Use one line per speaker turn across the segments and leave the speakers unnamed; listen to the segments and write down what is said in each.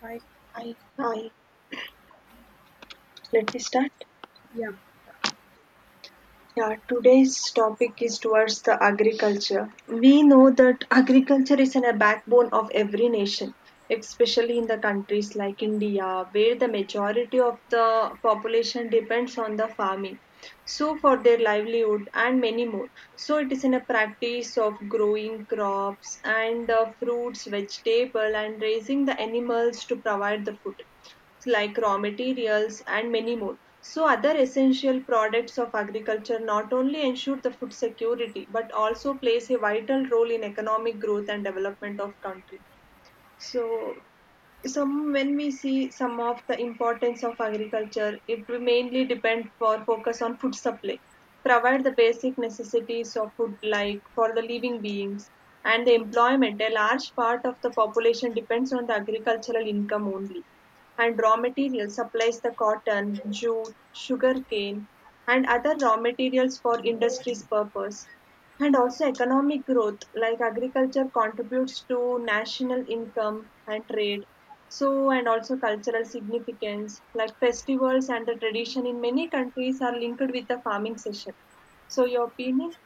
Hi.
Hi, hi. Let me start.
Yeah.
Yeah, today's topic is towards the agriculture. We know that agriculture is in a backbone of every nation, especially in the countries like India, where the majority of the population depends on the farming. So, for their livelihood and many more. So, it is in a practice of growing crops and the fruits, vegetable, and raising the animals to provide the food. Like raw materials and many more. So other essential products of agriculture not only ensure the food security but also plays a vital role in economic growth and development of country. So some when we see some of the importance of agriculture, it will mainly depend for focus on food supply, provide the basic necessities of food like for the living beings and the employment. A large part of the population depends on the agricultural income only. And raw material supplies the cotton, jute, sugarcane, and other raw materials for industry's purpose. And also economic growth, like agriculture contributes to national income and trade. So, and also cultural significance, like festivals and the tradition in many countries are linked with the farming session. So, your opinion?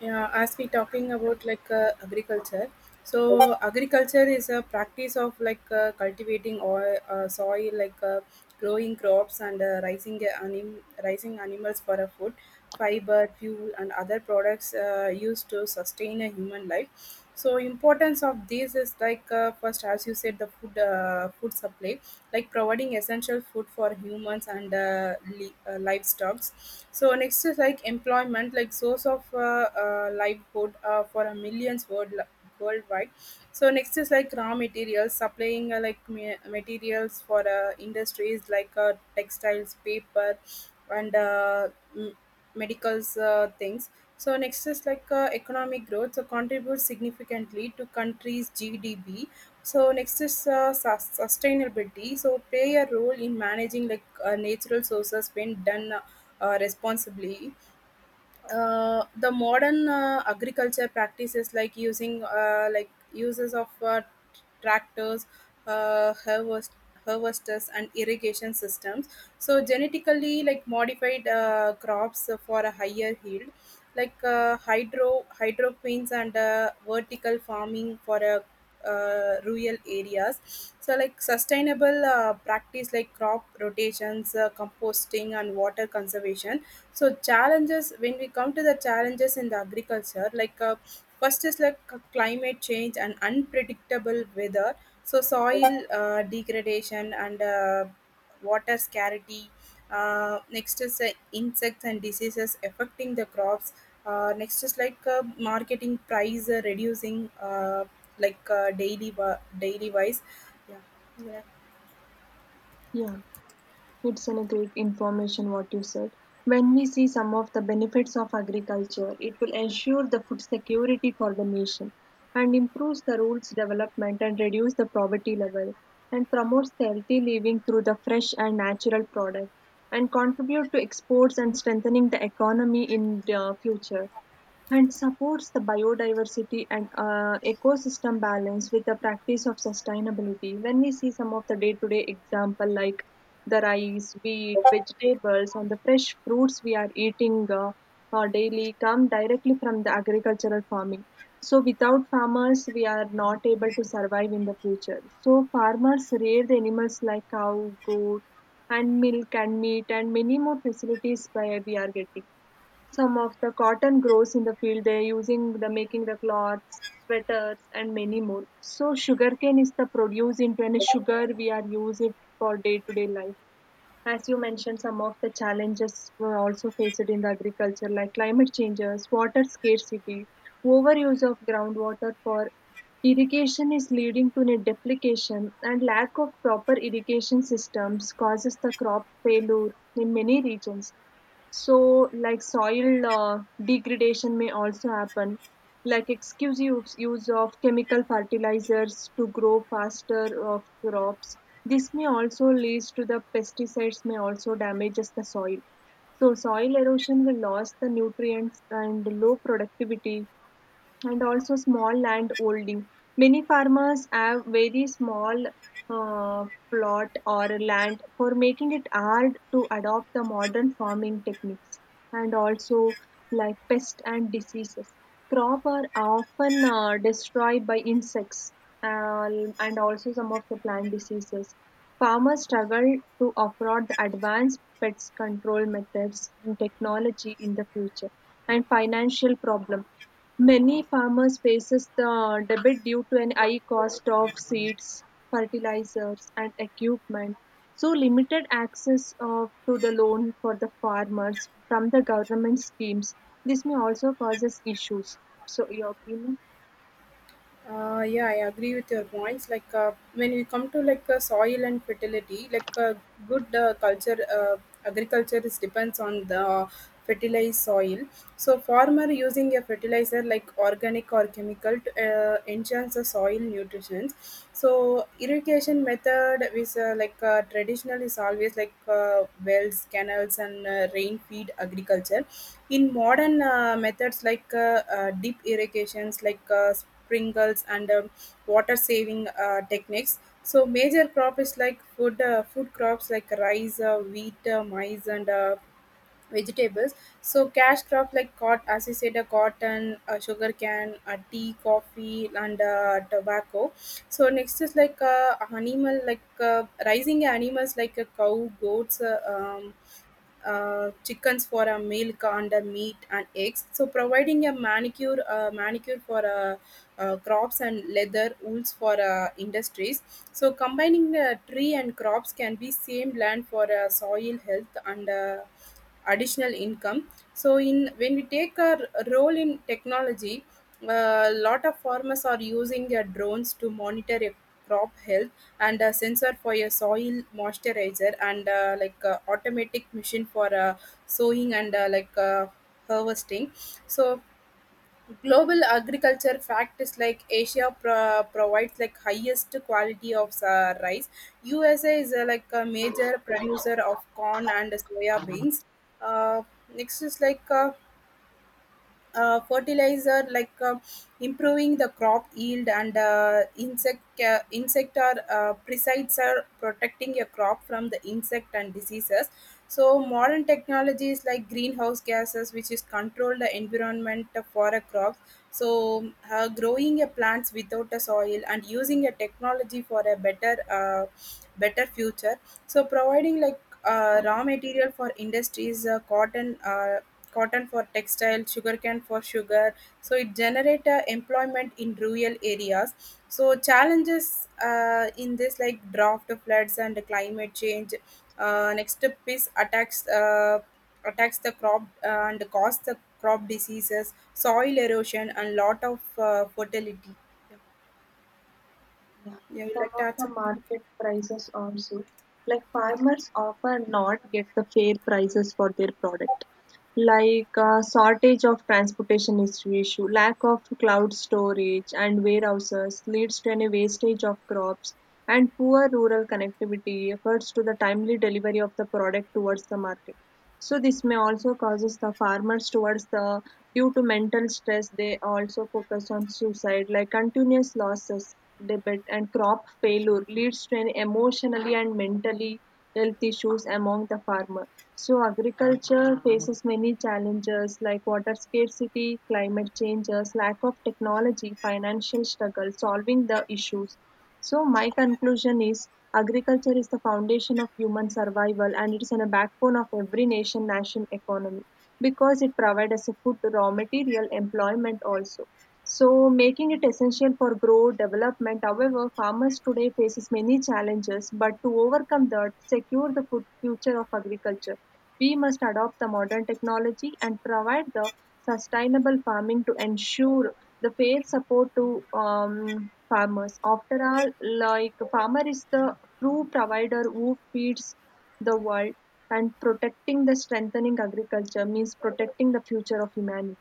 Yeah, as we talking about agriculture, so agriculture is a practice of cultivating oil, soil, growing crops and raising raising animals for a food, fiber, fuel, and other products used to sustain a human life. So importance of these is first, as you said, the food supply, like providing essential food for humans and livestock. So next is like employment, like source of livelihood for a millions worldwide. So next is like raw materials, supplying materials for industries textiles, paper, and medicals things. So next is economic growth. So contributes significantly to country's GDP. So next is sustainability. So play a role in managing natural sources when done responsibly. The modern agriculture practices like using like uses of tractors, uh, harvest harvesters, and irrigation systems. So genetically modified crops for a higher yield, hydroponics and vertical farming for a rural areas. So like sustainable practice like crop rotations, composting, and water conservation. So challenges, when we come to the challenges in the agriculture, first is climate change and unpredictable weather. So soil degradation and water scarcity. Next is insects and diseases affecting the crops. Next is marketing price reducing, daily daily wise. Yeah. Yeah.
Yeah. It's an a great information what you said. When we see some of the benefits of agriculture, it will ensure the food security for the nation and improves the rural development and reduce the poverty level and promotes the healthy living through the fresh and natural product and contribute to exports and strengthening the economy in the future and supports the biodiversity and ecosystem balance with the practice of sustainability. When we see some of the day-to-day example like the rice, wheat, vegetables, and the fresh fruits we are eating daily come directly from the agricultural farming. So without farmers, we are not able to survive in the future. So farmers rear the animals like cow, goat, and milk and meat and many more facilities by we are getting some of the cotton grows in the field they are using the making the cloths, sweaters and many more. So sugarcane is the produce into any sugar we are use it for day to day life. As you mentioned, some of the challenges were also faced in the agriculture like climate changes, water scarcity, overuse of groundwater for irrigation is leading to a deplication and lack of proper irrigation systems causes the crop failure in many regions so, like soil degradation may also happen, like excuse use, use of chemical fertilizers to grow faster of crops. This may also lead to the pesticides may also damages the soil. So, soil erosion will lose the nutrients and low productivity and also small land holding. Many farmers have very small uh, plot or land for making it hard to adopt the modern farming techniques and also like pest and diseases. Crop are often destroyed by insects uh, and also some of the plant diseases. Farmers struggle to afford the advanced pest control methods and technology in the future and financial problem. Many farmers faces the debit due to an high cost of seeds, fertilizers, and equipment, so limited access of, to the loan for the farmers from the government schemes. This may also causes issues. So, your opinion?
Yeah, I agree with your points. When we come to soil and fertility, good uh, culture, uh, agriculture is depends on the fertilized soil. So farmer using a fertilizer like organic or chemical to enhance the soil nutrition. So irrigation method is traditional is always wells, canals, and rain feed agriculture. In modern methods deep irrigations sprinkles, and water saving techniques. So major crop is like food crops like rice, wheat, maize, and vegetables. So cash crop like cotton, as you said, cotton, sugar can, tea, coffee, and tobacco. So next is like animal, rising animals like a cow, goats, chickens for a milk and a meat and eggs. So providing a manicure, manicure for crops and leather wools for industries. So combining the tree and crops can be same land for soil health and additional income. So in, when we take a role in technology, a lot of farmers are using their drones to monitor a crop health and a sensor for a soil moisturizer and like a automatic machine for sowing and harvesting. So global agriculture practice like Asia provides like highest quality of rice. USA is like a major producer of corn and soya beans. uh, Next is fertilizer, improving the crop yield, and insect or pesticides are protecting your crop from the insect and diseases. So modern technologies like greenhouse gases which is control the environment for a crop. So growing a plants without a soil and using a technology for a better better future. So providing raw material for industries, cotton, cotton for textile, sugarcane for sugar. So it generate employment in rural areas. So challenges in this like drought, floods, and climate change. Next up is attacks the crop and cause the crop diseases, soil erosion, and lot of fertility. Yeah.
Yeah,
Yeah, you
some
like to
of
add
the
something?
market prices also. Like
Yeah.
farmers often not get the fair prices for their product. Shortage of transportation is the issue, lack of cloud storage and warehouses leads to any wastage of crops and poor rural connectivity efforts to the timely delivery of the product towards the market. So this may also causes the farmers towards the due to mental stress, they also focus on suicide, like continuous losses, debit and crop failure leads to an emotionally and mentally health issues among the farmer. So agriculture faces many challenges like water scarcity, climate changes, lack of technology, financial struggle, solving the issues. So, my conclusion is agriculture is the foundation of human survival and it is in a backbone of every nation economy because it provides us a food, raw material, employment also. So, making it essential for growth development. However, farmers today faces many challenges, but to overcome that, secure the food future of agriculture, we must adopt the modern technology and provide the sustainable farming to ensure the fair support to farmers. After all, like farmer is the true provider who feeds the world and protecting the strengthening agriculture means protecting the future of humanity.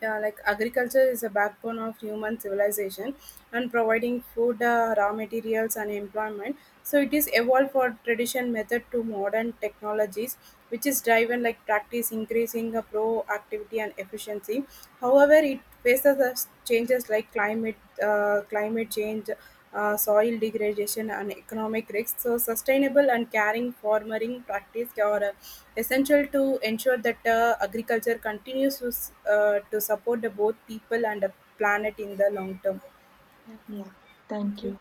Yeah, like agriculture is a backbone of human civilization and providing food, raw materials, and employment. So it is evolved for tradition method to modern technologies, which is driven like practice, increasing the proactivity and efficiency. However, it faces the changes like climate change, soil degradation, and economic risks. So sustainable and caring farming practice are essential to ensure that agriculture continues to, to support the both people and the planet in the long term.
Yeah,
Thank
thank you.
you.